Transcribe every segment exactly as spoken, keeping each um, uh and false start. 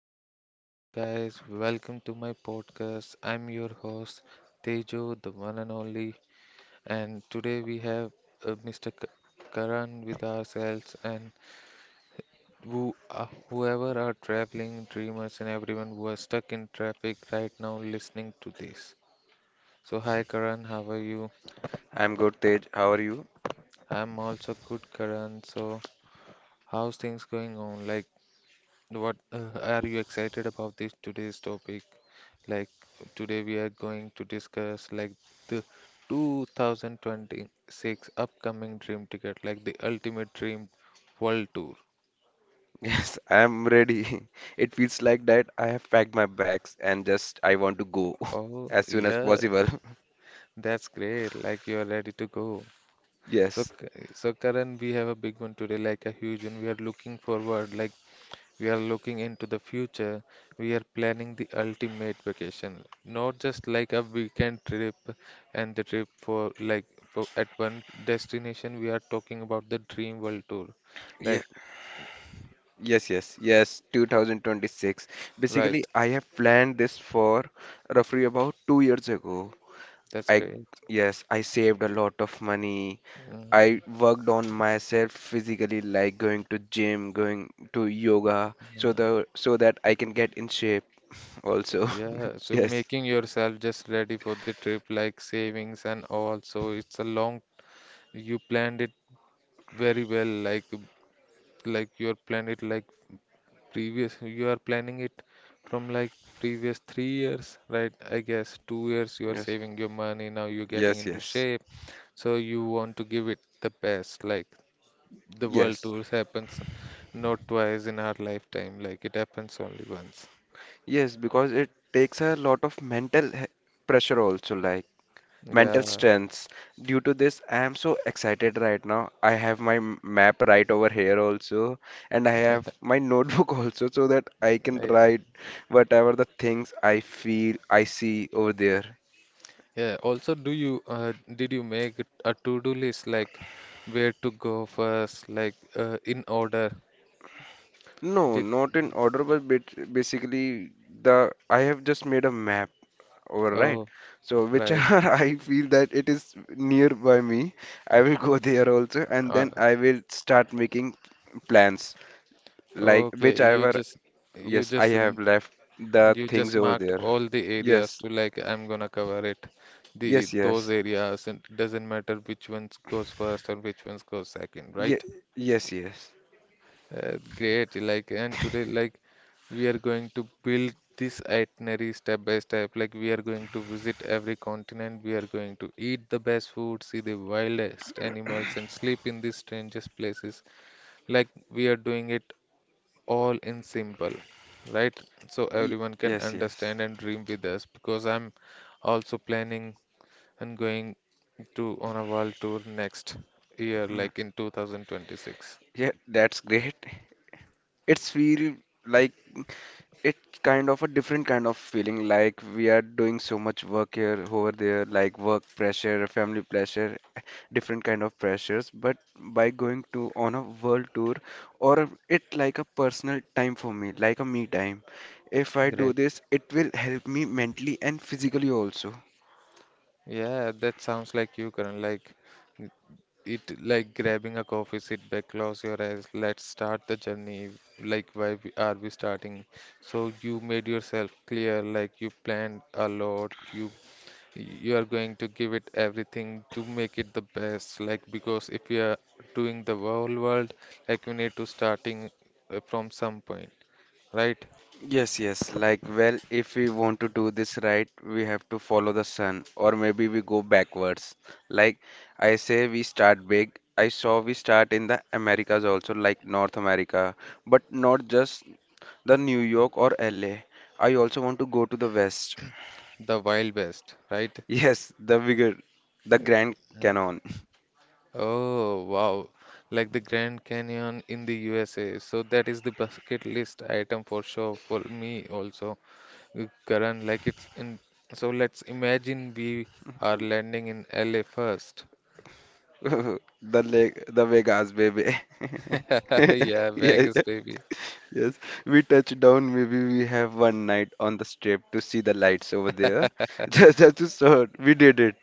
Hello gu- uh, guys. Welcome to my podcast. I'm your host Tejo, the one and only. And today we have uh, Mister K- Karan with ourselves and who uh, whoever are traveling dreamers and everyone who are stuck in traffic right now listening to this. So hi Karan, how are you? I'm good, Tej. How are you? I'm also good, Karan. So how's things going on? Like what uh, are you excited about this today's topic? Like Today we are going to discuss like the two thousand twenty-six upcoming dream ticket, like the ultimate dream world tour. Yes, I'm ready. It feels like that I have packed my bags and just I want to go Oh as soon as yeah, possible. that's great. Like you are ready to go. So Yes. K- so Karan, we have a big one today, like a huge one. We are looking forward like We are looking into the future. We are planning the ultimate vacation, not just like a weekend trip and the trip for like for at one destination. We are talking about the dream world tour. Yeah. Like, Yes, yes, yes, two thousand twenty-six. right, Basically, I have planned this for roughly about two years ago. that's I, great. yes, I saved a lot of money. Mm, I worked on myself physically, like going to gym, going to yoga, so yeah, the so that I can get in shape also. yeah. So Yes, making yourself just ready for the trip, like savings and all. So it's a long, you planned it very well, like like you planned it like Previous, you are planning it from like previous three years, right? I guess two years you are yes. saving your money, now you're getting Yes, into yes, shape. So you want to give it the best. Like the world yes, tours happens not twice in our lifetime, like it happens only once. yes, because it takes a lot of mental he- pressure also, like mental Yeah, strengths. Due to this, I am so excited right now. I have my m- map right over here also, and I have my notebook also, so that I can I- write whatever the things I feel, I see over there. yeah. Also, do you uh, did you make a to-do list like where to go first, like uh, in order? No, Did not in order, but bit- basically the I have just made a map. All right. oh, So right. whichever I feel that it is nearby me, I will go there also, and Uh, then I will start making plans. Like Okay, you whichever, just you yes, I just have m- left the you just things over marked there. all the areas Yes, to like I'm gonna cover it. The yes, those yes, areas and doesn't matter which ones goes first or which ones goes second, Ye right? yes, yes, Uh, great. Like and today like we are going to build this itinerary step by step. Like we are going to visit every continent, we are going to eat the best food, see the wildest animals and sleep in the strangest places. Like we are doing it all in simple, right? So Ye everyone can yes, yes understand and dream with us because I'm also planning and going to on a world tour next year, like in two thousand twenty-six. Yeah, that's great. It's feel like It's kind of a different kind of feeling, like we are doing so much work here, over there, like work pressure, family pressure, different kind of pressures. But by going to on a world tour, or it like a personal time for me, like a me time. If I do Great. this, it will help me mentally and physically also. Yeah, that sounds like you, Karan. Like n- it, like grabbing a coffee, sit back, close your eyes. Let's start the journey. Like why we, are we starting? So you made yourself clear. Like you planned a lot. You you are going to give it everything to make it the best, like because if we are doing the whole world, like we need to starting uh, from some point, right. Yes, yes. Like, well, if we want to do this right, we have to follow the sun, or maybe we go backwards. Like, I say we start big. I saw we start in the Americas also, like North America, but not just the New York or L A. I also want to go to the West. The wild west, right. Yes, the bigger, the Grand Canyon, Oh wow, like the Grand Canyon in the U S A, so that is the bucket list item for sure for me also. Uh, Karan like it's in So let's imagine we are landing in L A first. the lake, the Vegas, baby. Yeah, Yeah. Vegas baby, Yes, we touch down. Maybe we have one night on the strip to see the lights over there. Just just to sort. We did it.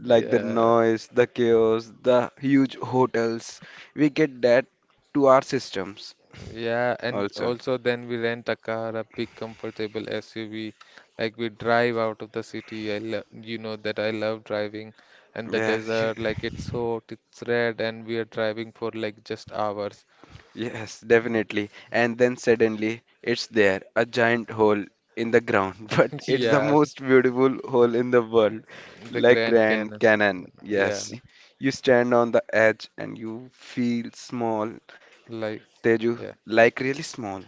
Like the yeah. noise, the chaos, the huge hotels. We get that to our systems Yeah, and also. also then we rent a car, a big comfortable S U V. Like we drive out of the city. I love, you know that I love driving, and the Yeah, desert, like it's hot, it's red, and we are driving for like just hours. Yes, definitely. And then suddenly it's there, a giant hole in the ground, but it's the Yeah, most beautiful hole in the world, the like Grand Grand Canyon. Canyon. Yeah, Yes, you stand on the edge and you feel small, like, Teju, yeah. like really small.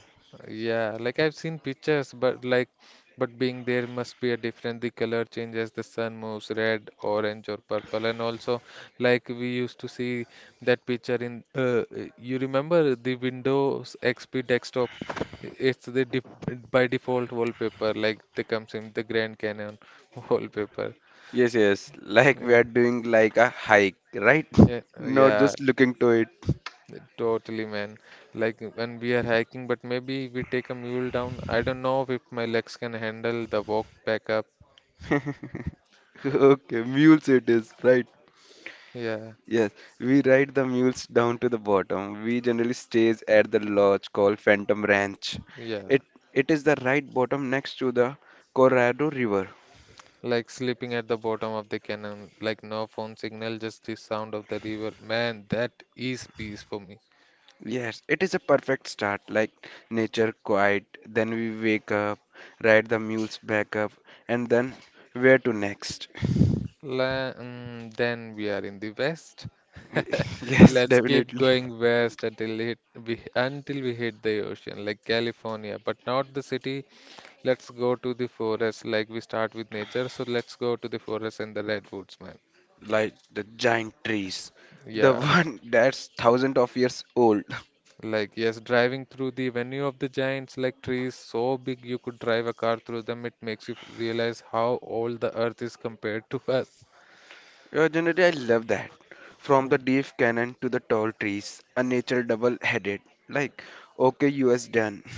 Yeah, like I've seen pictures, but like, but being there must be a different. The color changes, the sun moves red, orange, or purple. And also, like we used to see that picture in, uh, uh, you remember the Windows X P desktop? It's the def by default wallpaper, like they comes in the Grand Canyon wallpaper. Yes, yes, like we Yeah, are doing like a hike, right? yeah, Not yeah. just looking to it. Totally, man. Like when we are hiking, but maybe we take a mule down. I don't know if my legs can handle the walk back up. Okay, mules it is, right? Yeah, Yes, we ride the mules down to the bottom. We generally stays at the lodge called Phantom Ranch. yeah. It it is the right bottom next to the Colorado River. Like sleeping at the bottom of the canyon, like no phone signal, just the sound of the river. Man, that is peace for me. Yes, it is a perfect start, like nature quiet. Then we wake up, ride the mules back up, and then where to next? La mm, then we are in the west. Yes, Let's keep definitely. going west until hit, we until we hit the ocean, like California, but not the city. Let's go to the forest. Like we start with nature, so let's go to the forest and the redwoods, man. Like the giant trees, the Yeah, one that's thousands of years old. like yes, driving through the venue of the giants, like trees so big you could drive a car through them. It makes you f- realize how old the earth is compared to us. Uh, generally, I love that. From the Mm, deep cannon to the tall trees, a nature double-headed. Like, okay, U S done.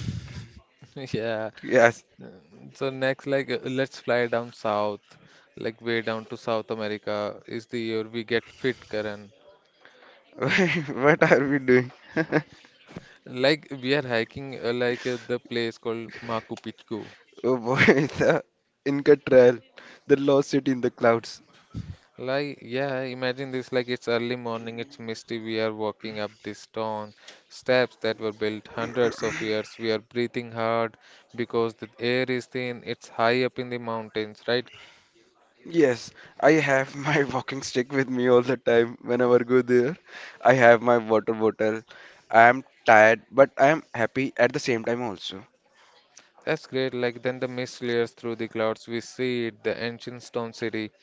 yeah. Yes. Mm, so next, like, uh, let's fly down south, like way down to South America is the year we get fit, Karan. What are we doing? Like we are hiking, uh, like uh, the place called Machu Picchu. Oh boy, the Inca Trail, the lost city in the clouds. Like, yeah, imagine this like it's early morning, it's misty. We are walking up these stone steps that were built hundreds of years. We are breathing hard because the air is thin, it's high up in the mountains, right? Yes, I have my walking stick with me all the time whenever I go there. I have my water bottle. I am tired, but I am happy at the same time also. That's great. Like, then the mist layers through the clouds. We see it, the ancient stone city,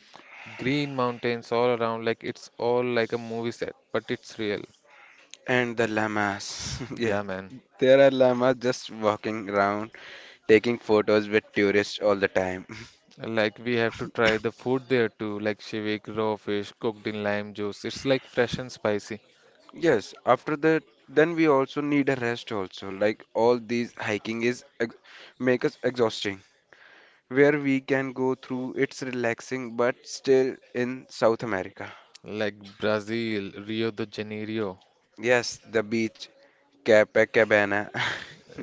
green mountains all around. Like, it's all like a movie set, but it's real. And the llamas. Yeah, Yeah, man. there are llamas just walking around taking photos with tourists all the time. Like we have to try the food there too, like shivik, raw fish cooked in lime juice. It's like fresh and spicy. Yes, after that, then we also need a rest also. Like all these hiking is ex make us exhausting. Where we can go through, it's relaxing, but still in South America. Like Brazil, Rio de Janeiro, Yes, the beach, Copacabana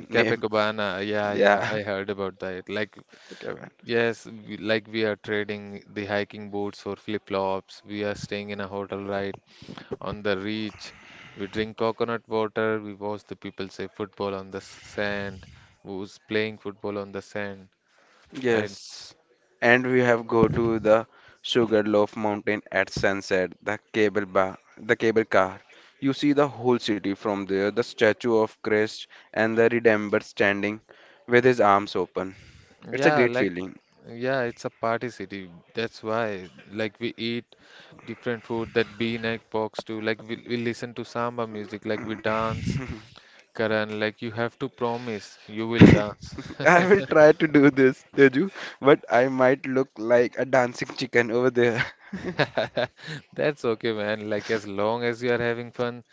name. Copacabana. Yeah, yeah, Yeah, I heard about that. Like, okay, yes, we, like we are trading the hiking boots for flip-flops. We are staying in a hotel right on the beach. We drink coconut water. We watch the people say football on the sand. Who's playing football on the sand, right? yes. And we have go to the Sugarloaf Mountain at sunset, the cable bar, the cable car. You see the whole city from there, the statue of Christ and the Redeemer standing with his arms open. It's a Yeah, great like, feeling. yeah, it's a party city. That's why, like, we eat different food that B-neck box too. Like, we, we listen to samba music, like, we dance. Karan, like, you have to promise you will dance. I will try to do this, Teju, but I might look like a dancing chicken over there. That's okay, man. Like, as long as you are having fun,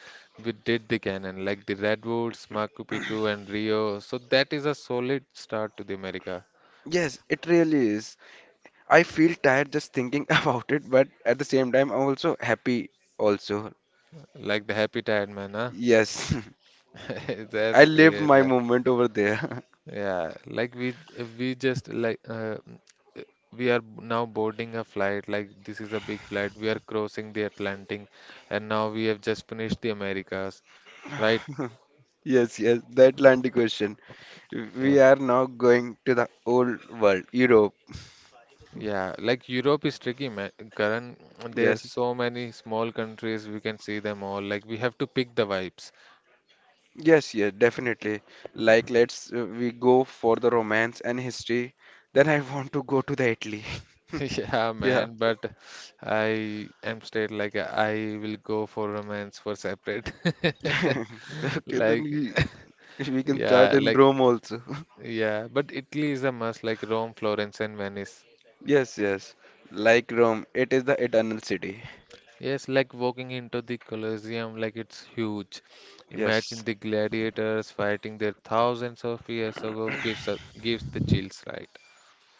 we did the canon, like the Redwoods, Machu Picchu, and Rio. So, that is a solid start to the America. Yes, it really is. I feel tired just thinking about it, but at the same time, I'm also happy also. Like, the happy tired man, huh? Yes, I That's lived great. my Like, moment over there. yeah, like we we just like uh, we are now boarding a flight. Like this is a big flight. We are crossing the Atlantic, and now we have just finished the Americas, right? Yes, yes, the Atlantic Ocean. Yeah, We are now going to the old world, Europe. yeah. Like Europe is tricky, man. Karan, there's Yes, so many small countries. We can see them all. Like we have to pick the vibes. yes, yes, definitely. Like, let's uh, we go for the romance and history. Then I want to go to the Italy. Yeah, Yeah. man. But I am straight. Like I will go for romance for separate. Okay, then Like. we we can start Yeah, in like Rome also. yeah, but Italy is a must, like Rome, Florence, and Venice. Yes, yes. Like Rome, it is the eternal city. Yes, like walking into the Colosseum, like it's huge. Imagine Yes. the gladiators fighting there thousands of years ago gives a, gives the chills, right?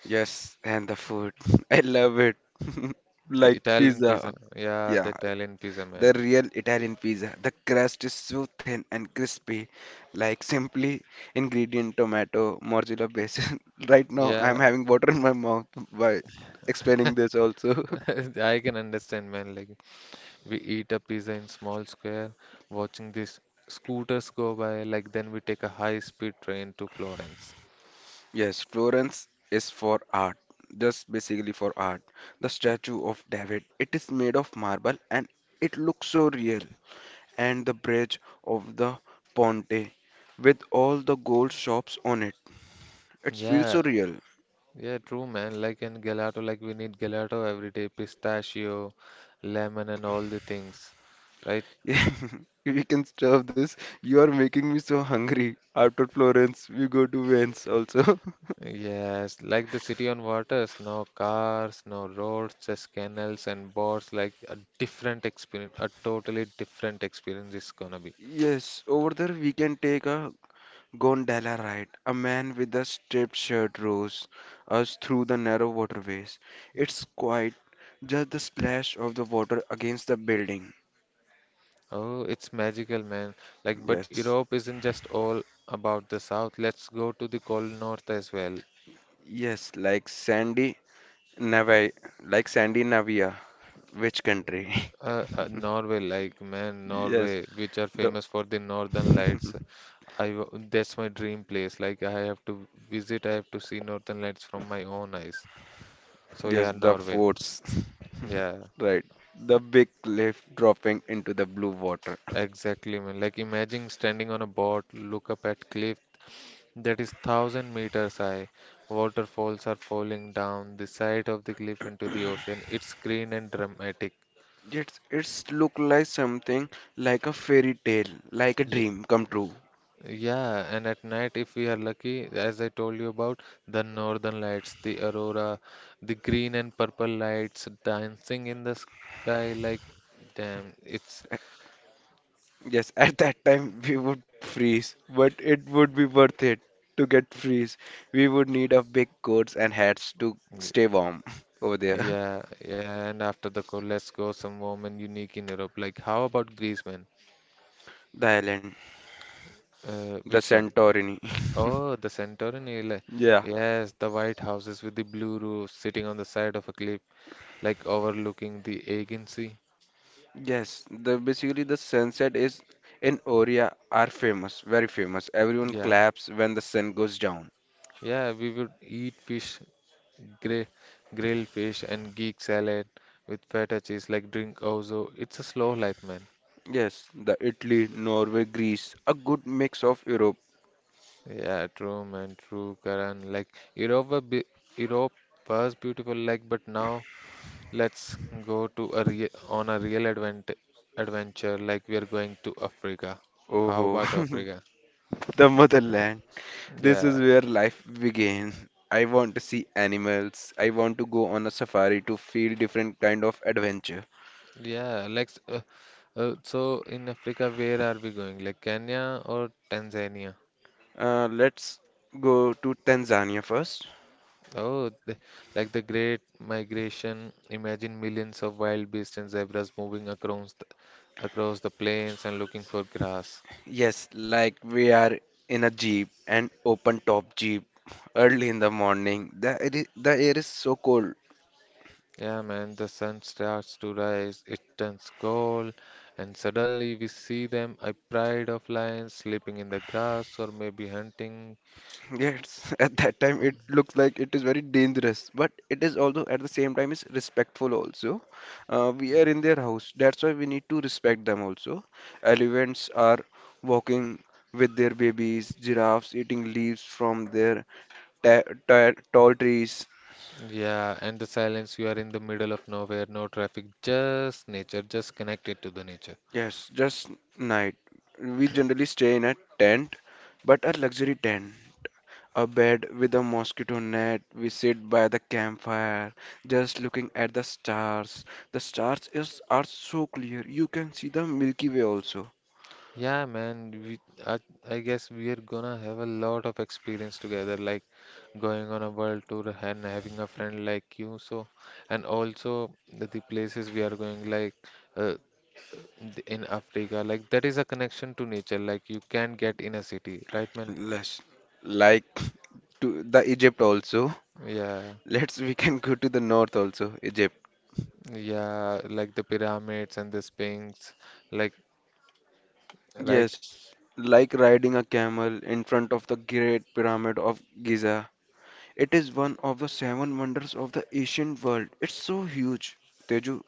Yes, and the food. I love it. The Like Italian pizza, pizza. yeah, the Yeah, Italian pizza, man. the real Italian pizza. The crust is so thin and crispy. Like simply ingredient tomato, mozzarella base. Right now, I'm Yeah, having water in my mouth by explaining this also. I can understand, man. Like we eat a pizza in small square, watching these scooters go by, like then we take a high-speed train to Florence. Yes, Florence is for art. Just basically for art. The statue of David. It is made of marble and it looks so real, and the bridge of the Ponte with all the gold shops on it. It feels so Yeah, real. yeah, true, man. Like in gelato, like we need gelato every day, pistachio, lemon, and all the things, right? We can stop this. You are making me so hungry. After Florence, we go to Venice also. Yes, like the city on waters, no cars, no roads, just canals and boats. Like a different experience, a totally different experience is gonna be. Yes, over there we can take a gondola ride. A man with a striped shirt rows us through the narrow waterways. It's quiet, just the splash of the water against the building. Oh, it's magical, man. Like, but Yes, Europe isn't just all about the south. Let's go to the cold north as well. yes, like sandy Navi, like Sandy Navia, which country? Uh, uh, Norway, like man, Yes, Norway, which are the famous for the northern lights. I w- that's my dream place. Like I have to visit, I have to see northern lights from my own eyes. So yes, yeah, the Norway. forts. Yeah, Right, the big cliff dropping into the blue water. exactly, man. Like imagine standing on a boat, look up at cliff that is thousand meters high. Waterfalls are falling down the side of the cliff into the ocean. It's green and dramatic. It's it's look like something like a fairy tale, like a Yeah. dream come true. Yeah, and at night, if we are lucky, as I told you about the northern lights, the aurora, the green and purple lights dancing in the sky, like damn, it's Yes, at that time we would freeze, but it would be worth it to get freeze. We would need a big coats and hats to stay y- warm over there. yeah, yeah. And after the call, let's go some warm and unique in Europe. Like, how about Greece, man? The island. Uh, The which one? Santorini. Oh, the Santorini. li- Yeah. Yes, the white houses with the blue roofs sitting on the side of a cliff, like overlooking the Aegean Sea. Yes. The basically the sunset is in Oria are famous, very famous. Everyone Yeah. claps when the sun goes down. Yeah, we would eat fish, gray, grilled fish, and geek salad with feta cheese, like drink also. It's a slow life, man. Yes, the Italy, Norway, Greece, a good mix of Europe. Yeah, true, man, true, Karan. Like Europe, were be- Europe was beautiful, like, but now let's go to a real on a real advent adventure. Like we are going to Africa. How Oh, about Africa? the motherland. This is Yeah, where life begins. I want to see animals. I want to go on a safari to feel different kind of adventure. yeah. Like, s- uh, uh, so in Africa, where are we going? Like Kenya or Tanzania? Uh, let's go to Tanzania first. Oh, the, like the Great Migration, imagine millions of wild beasts and zebras moving across the, across the plains and looking for grass. Yes, like we are in a jeep, an open top jeep, early in the morning. The air is, the air is so cold. Yeah, man, the sun starts to rise, it turns gold, and suddenly we see them, a pride of lions sleeping in the grass or maybe hunting. Yes, at that time it looks like it is very dangerous, but it is also at the same time is respectful also. Uh, we are in their house, that's why we need to respect them also. Elephants are walking with their babies, giraffes eating leaves from their ta ta tall trees. Yeah, and the silence, you are in the middle of nowhere, no traffic, just nature, just connected to the nature. Yes, just night. We generally stay in a tent, but a luxury tent. A bed with a mosquito net. We sit by the campfire, just looking at the stars. The stars is are so clear. You can see the Milky Way also. Yeah, man, we I, I guess we are gonna have a lot of experience together, like going on a world tour and having a friend like you. So, and also the, the places we are going, like uh, th- in Africa, like that is a connection to nature, like you can't get in a city, right, man? Less like to the Egypt also. Yeah, Let's we can go to the north also, Egypt. yeah, like the pyramids and the Sphinx, like right. Yes, like riding a camel in front of the Great Pyramid of Giza. It is one of the seven wonders of the ancient world. It's so huge, Teju.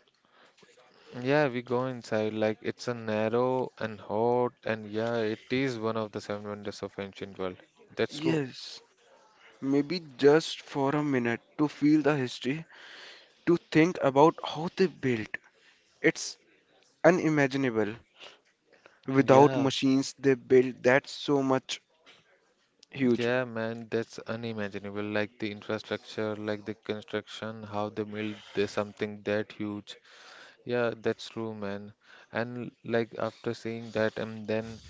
Yeah, we go inside. Like it's a narrow and hot, and yeah, it is one of the seven wonders of ancient world. That's true. Yes, maybe just for a minute to feel the history, to think about how they built. It's unimaginable. Without Yeah, machines, they built that so much huge. yeah, man, that's unimaginable. Like the infrastructure, like the construction, how they build this something that huge. Yeah, that's true, man. And like after seeing that, and then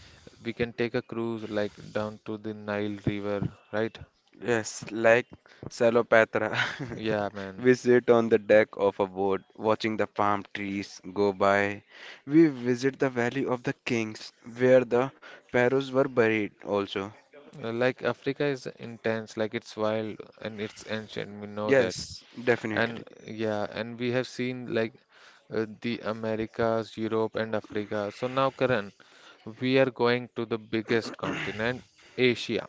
we can take a cruise like down to the Nile River, right? Yes, like Salopatra. Yeah, man. We sit on the deck of a boat watching the palm trees go by. We visit the Valley of the Kings where the pharaohs were buried also. Uh, Like Africa is intense, like it's wild and it's ancient. We know that. Yes, And definitely. yeah, and we have seen like uh, the Americas, Europe, and Africa. So now, Karan, we are going to the biggest continent, Asia.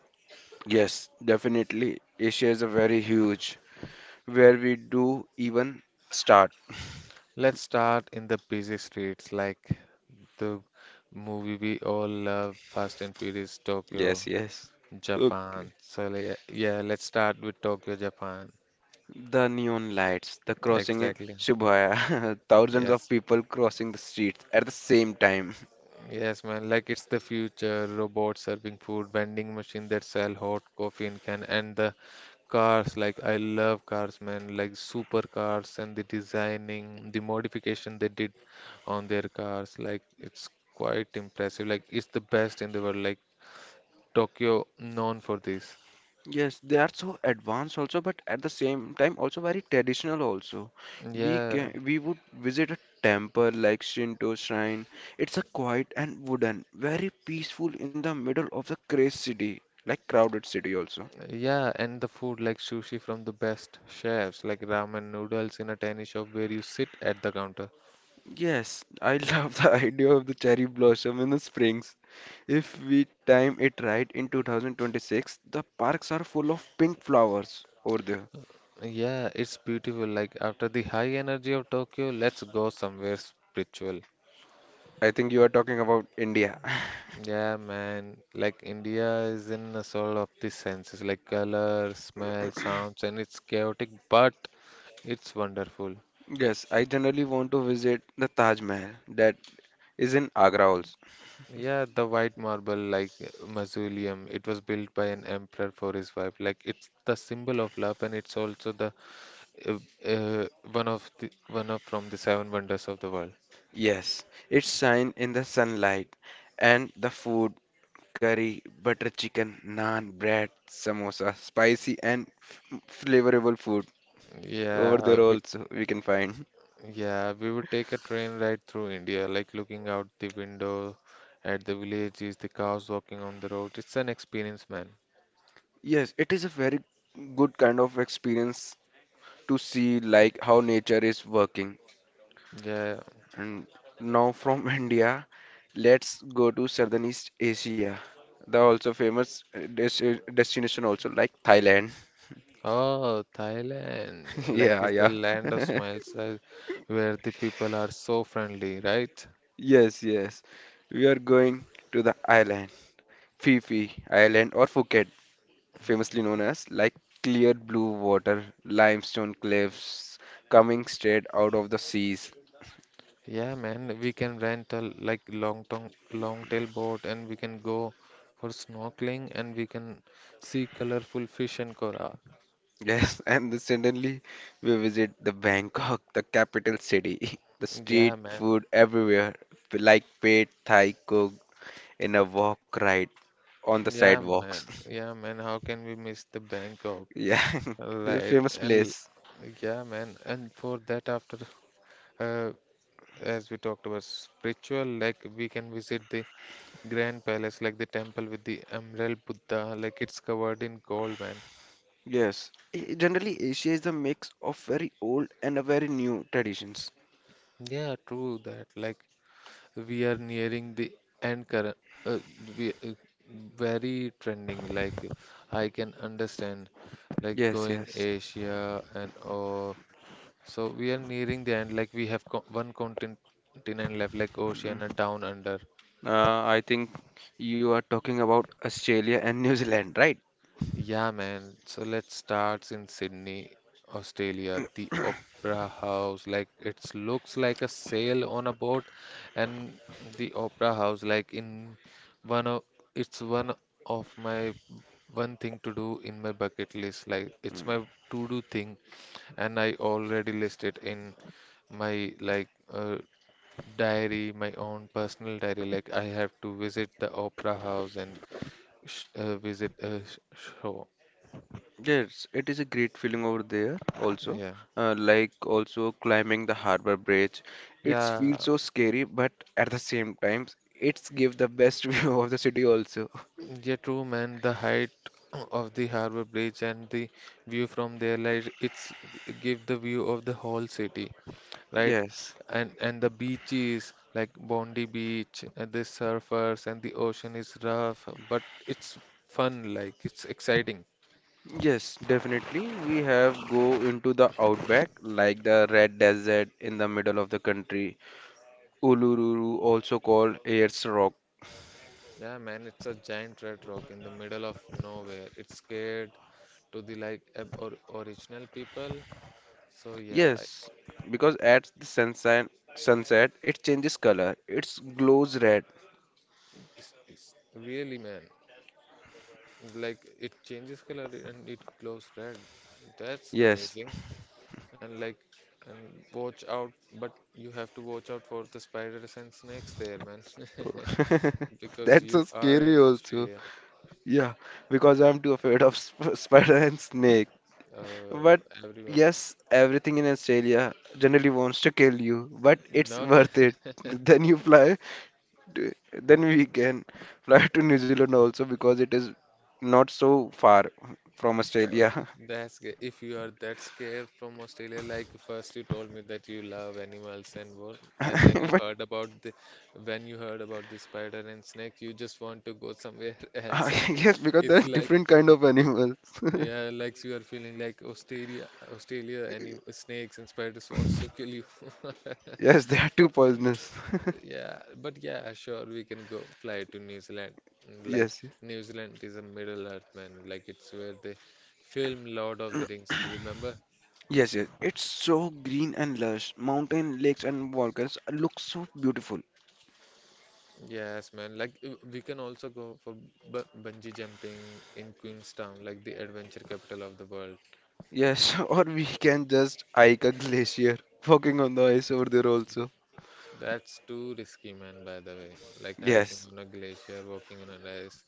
Yes, definitely. Asia is a very huge where we do even start. Let's start in the busy streets like the movie we all love, Fast and Furious, Yes, Tokyo, yes. Okay. Japan. So le- yeah, let's start with Tokyo, Japan. The neon lights, the crossing in Exactly. Shibuya, thousands Yes. of people crossing the streets at the same time. Yes, man, like it's the future. Robots serving food, vending machine that sell hot coffee in can, and the cars. Like I love cars, man. Like super cars and the designing, the modification they did on their cars. Like it's quite impressive. Like it's the best in the world. Like Tokyo known for this. Yes, they are so advanced also, but at the same time also very traditional also. We Yeah, can we would visit a temple like Shinto shrine. It's a quiet and wooden, very peaceful in the middle of the crazy city, like crowded city also. yeah, and the food like sushi from the best chefs, like ramen noodles in a tiny shop where you sit at the counter. Yes, I love the idea of the cherry blossom in the springs. If we time it right in two thousand twenty-six, the parks are full of pink flowers over there. Yeah, it's beautiful. Like after the high energy of Tokyo, let's go somewhere spiritual. I think you are talking about India. Yeah, man. Like India is in a sort of the senses, like color, smell, sounds, and it's chaotic, but it's wonderful. Yes, I generally want to visit the Taj Mahal that is in Agra also. Yeah, the white marble like uh, mausoleum, it was built by an emperor for his wife. Like it's the symbol of love, and it's also the uh, uh, one of the one of from the seven wonders of the world. Yes, it's shine in the sunlight and the food, curry, butter chicken, naan, bread, samosa, spicy and f flavorable food over Yeah, there also we can find. yeah, we would take a train ride through India, like looking out the window at the villages, the cows walking on the road. It's an experience, man. Yes, it is a very good kind of experience to see like how nature is working. Yeah. And now from India, let's go to Southeast Asia. The also famous uh, desti- destination also like Thailand. Oh, Thailand. Like Yeah, it's the yeah. land of smiles, uh, where the people are so friendly, right? Yes, yes. We are going to the island, Phi Phi Island or Phuket, famously known as like clear blue water, limestone cliffs coming straight out of the seas. Yeah, man. We can rent a like long tong long tail boat and we can go for snorkeling and we can see colorful fish and coral. Yes, and then suddenly we visit the Bangkok, the capital city. The street Yeah, man. food everywhere, like paid Thai cooked in a walk ride on the Yeah, sidewalks. man. Yeah, man. How can we miss the Bangkok? Yeah, it's a Right. famous And place. yeah, man. And for that, after uh, as we talked about spiritual, like we can visit the Grand Palace, like the temple with the Emerald Buddha, like it's covered in gold, man. Yes, I- generally Asia is a mix of very old and a very new traditions. Yeah, true that. Like we are nearing the end current. Uh, we uh, very trending. Like I can understand, like Yes, going yes. Asia and all. So we are nearing the end. Like we have co one continent left, like Mm. Oceania Down Under. Uh, I think you are talking about Australia and New Zealand, right? Yeah, man. So let's start in Sydney, Australia. The Opera House, like it looks like a sail on a boat, and the Opera House, like in one of it's one of my one thing to do in my bucket list. Like it's my to do thing, and I already listed in my like uh, diary, my own personal diary. Like I have to visit the opera house and sh uh, visit a sh show. Yes, it is a great feeling over there also. Yeah, Uh, like also climbing the harbor bridge. It feels yeah, so scary, but at the same time, it's give the best view of the city also. yeah. True, man. The height of the Harbour Bridge and the view from there, like it's give the view of the whole city, right? Yes. And and the beaches like Bondi Beach, and the surfers and the ocean is rough, but it's fun. Like it's exciting. Yes, definitely. We have go into the outback, like the red desert in the middle of the country. Uluru, also called Ayers Rock. Yeah, man, it's a giant red rock in the middle of nowhere. It's scared to the like ab- or original people. So yeah, Yes, I- because at the sunset, sunset, it changes color. It glows red. it's, it's really man, like it changes color and it glows red. That's Yes, amazing. And like and watch out, but you have to watch out for the spiders and snakes there, man, because that's you so are in scary also. Australia. Yeah, because I'm too afraid of sp spider and snake. Uh, But everyone, yes, everything in Australia generally wants to kill you, but it's not that. worth it. Then you fly, to- then we can fly to New Zealand also because it is not so far from Uh, Australia. that's good. If you are that scared from Australia, like first you told me that you love animals and work, and then you But heard about the when you heard about the spider and snake, you just want to go somewhere uh, else. yes, because there It's are like different kind of animals. yeah, like you are feeling like Australia, Australia, any snakes and spiders wants to kill you. Yes, they are too poisonous. Yeah, but yeah, sure, we can go fly to New Zealand. Mm, like Yes, New Zealand is a Middle Earth, man. Like it's where they film Lord of the Rings. Remember? yes, yes. It's so green and lush. Mountain, lakes, and volcanoes look so beautiful. Yes, man. Like uh, we can also go for bu bungee jumping in Queenstown, like the adventure capital of the world. Yes, or we can just hike a glacier, walking on the ice over there also. That's too risky, man, by the way. Like hiking Yes, on a glacier, walking on an ice.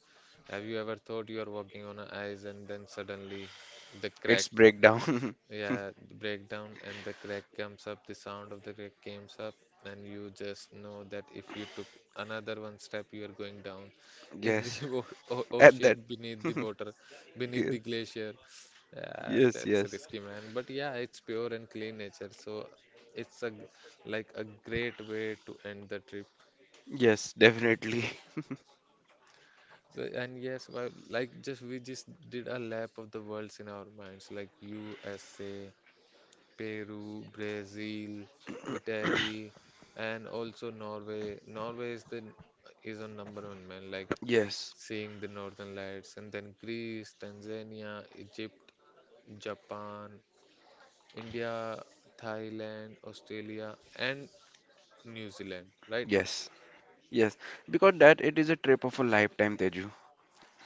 Have you ever thought you are walking on an ice and then suddenly the it's crack? breakdown. Yeah, the breakdown and the crack comes up, the sound of the crack comes up, and you just know that if you took another one step, you are going down in the Yes, o o at that. ocean beneath the water, beneath Yes, the glacier. Yeah, yes, that's yes, risky, man. But yeah, it's pure and clean nature, so it's a g- like a great way to end the trip. Yes, definitely. So, and yes, well, like just we just did a lap of the worlds in our minds, like U S A, Peru, Brazil, Italy, and also Norway. Norway is the is on number one man, like Yes, seeing the Northern Lights, and then Greece, Tanzania, Egypt, Japan, India, Thailand, Australia, and New Zealand, right? yes, yes. Because that it is a trip of a lifetime, Teju.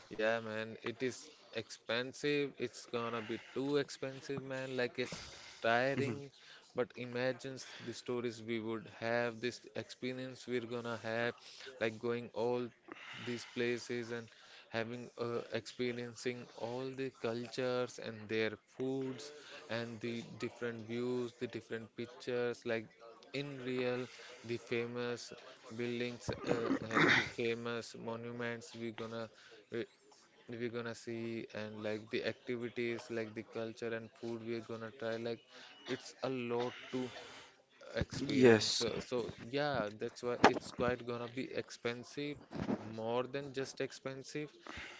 Yeah, man, it is expensive. It's gonna be too expensive, man. Like it's tiring. But imagine s- the stories we would have, this experience we're gonna have, like going all these places and having uh, experiencing all the cultures and their foods and the different views, the different pictures, like in real, the famous buildings uh, and the famous monuments we're gonna we, we're gonna see and like the activities like the culture and food we're gonna try like it's a lot to experience, Yes, so so yeah that's why it's quite gonna be expensive, more than just expensive,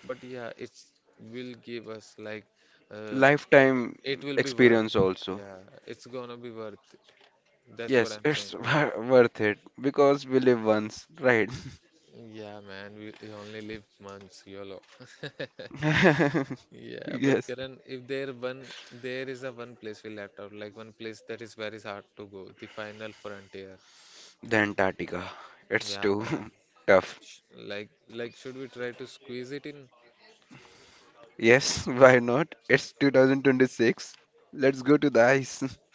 but yeah it's will give us like uh, th- lifetime it will be worth, experience also. yeah it's gonna be worth it. That's what Yes, I'm saying. it's Yeah, wor- worth it because we live once, right? yeah man, we, we only live months. YOLO. Yeah, but Yes, Karan, if there one there is a one place we left out, like one place that is very hard to go, the final frontier. the Antarctica. It's Yeah, too man. tough. Like like should we try to squeeze it in? Yes, why not? It's two thousand twenty-six. Let's go to the ice.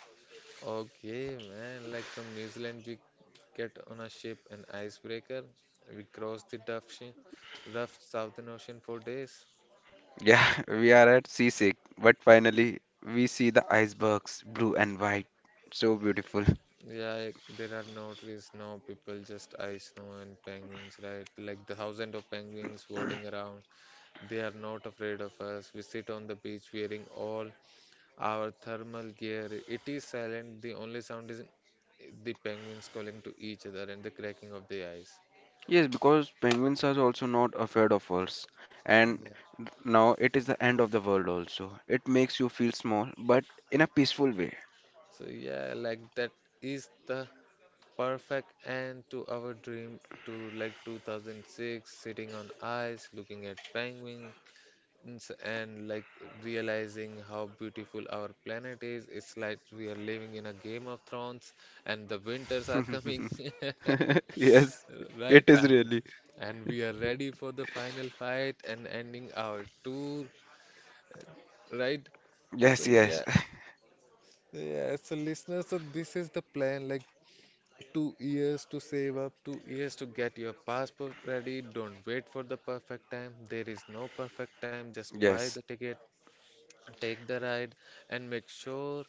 Okay, man. Like from New Zealand we get on a ship, an icebreaker. We cross the tough shi rough Southern Ocean for days. Yeah, we are at seasick, but finally we see the icebergs, blue and white. So beautiful. Yeah, like there are no trees, no people, just ice, snow, and penguins, right? Like the thousands of penguins floating around. They are not afraid of us. We sit on the beach wearing all our thermal gear. It is silent. The only sound is the penguins calling to each other and the cracking of the ice. Yes, because penguins are also not afraid of us. And Yeah. now it is the end of the world also. It makes you feel small, but in a peaceful way. So yeah, like that is the perfect end to our dream to like two thousand six, sitting on ice, looking at penguin, mountains, and like realizing how beautiful our planet is. It's like we are living in a Game of Thrones and the winters are coming, Yes, it right? is And really. and we are ready for the final fight and ending our tour, right? Yes, So yes, yeah, yeah. So listeners, so this is the plan. Like two years to save up, two years to get your passport ready. Don't wait for the perfect time. There is no perfect time. Just buy yes, the ticket, take the ride, and make sure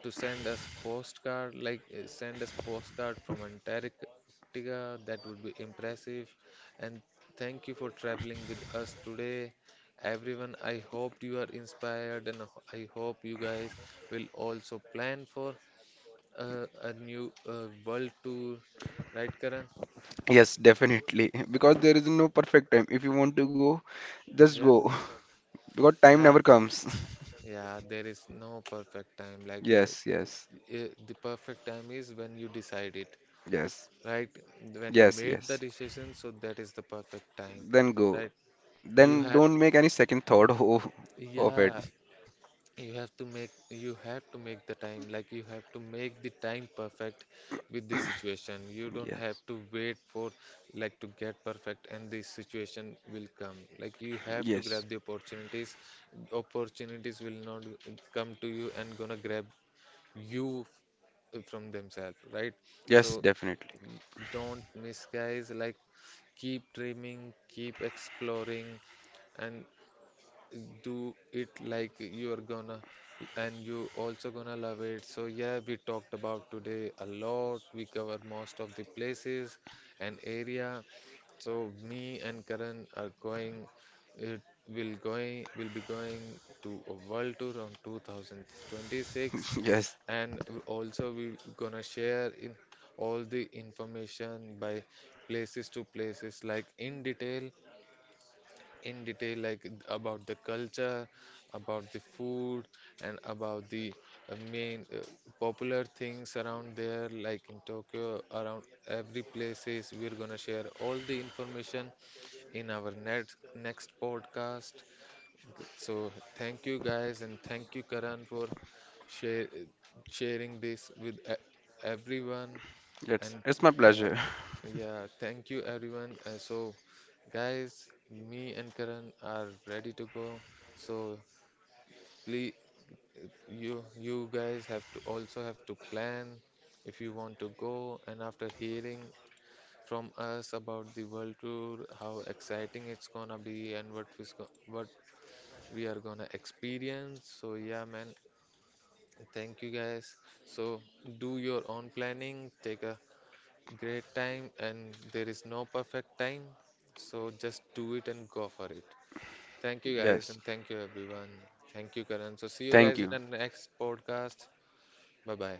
to send us postcard, like uh, send us postcard from Antarctica, that would be impressive. And thank you for traveling with us today, everyone. I hope you are inspired, and ho- I hope you guys will also plan for uh, a new uh, world tour, right, Karan? yes, definitely. Because there is no perfect time. If you want to go, just Yeah, go. Because time yeah, never comes. yeah, there is no perfect time. Like uh, Yes, uh, yes, uh, the perfect time is when you decide it. yes, Right? When you yes, made the yes. decision, so that is the perfect time, Then go. right? You Then had, don't make any second thought of, of it. yeah, you have to make, you have to make the time, like you have to make the time perfect with the situation. You don't have Yes, to wait for, like, to get perfect and the situation will come. Like, you have to yes, grab the opportunities. Opportunities will not come to you and gonna grab you from themselves, right? So yes, definitely. y- don't miss, guys. Like, keep dreaming, keep exploring, and do it like you're gonna, and you also gonna love it. So yeah, we talked about today a lot, we cover most of the places and area, so me and Karan are going, it will going will be going to a world tour on two thousand twenty-six. Yes, And w- also we gonna share in all the information by places to places, like in detail, in detail like about the culture, about the food, and about the uh, main uh, popular things around there, like in Tokyo, around every places we're gonna share all the information in our next next podcast. So thank you guys, and thank you Karan for share, sharing this with e- everyone. And it's it's my yeah, pleasure. yeah, thank you everyone. Uh, so, guys, me and Karan are ready to go. So, please, you you guys have to also have to plan if you want to go. And after hearing from us about the world tour, how exciting it's gonna be, and what we what we are gonna experience. So, yeah, man, thank you guys. So, do your own planning. Take a great time, and there is no perfect time, so just do it and go for it. Thank you guys, Yes, and thank you everyone. Thank you, Karan. So see you thank guys in the you. next podcast. Bye bye.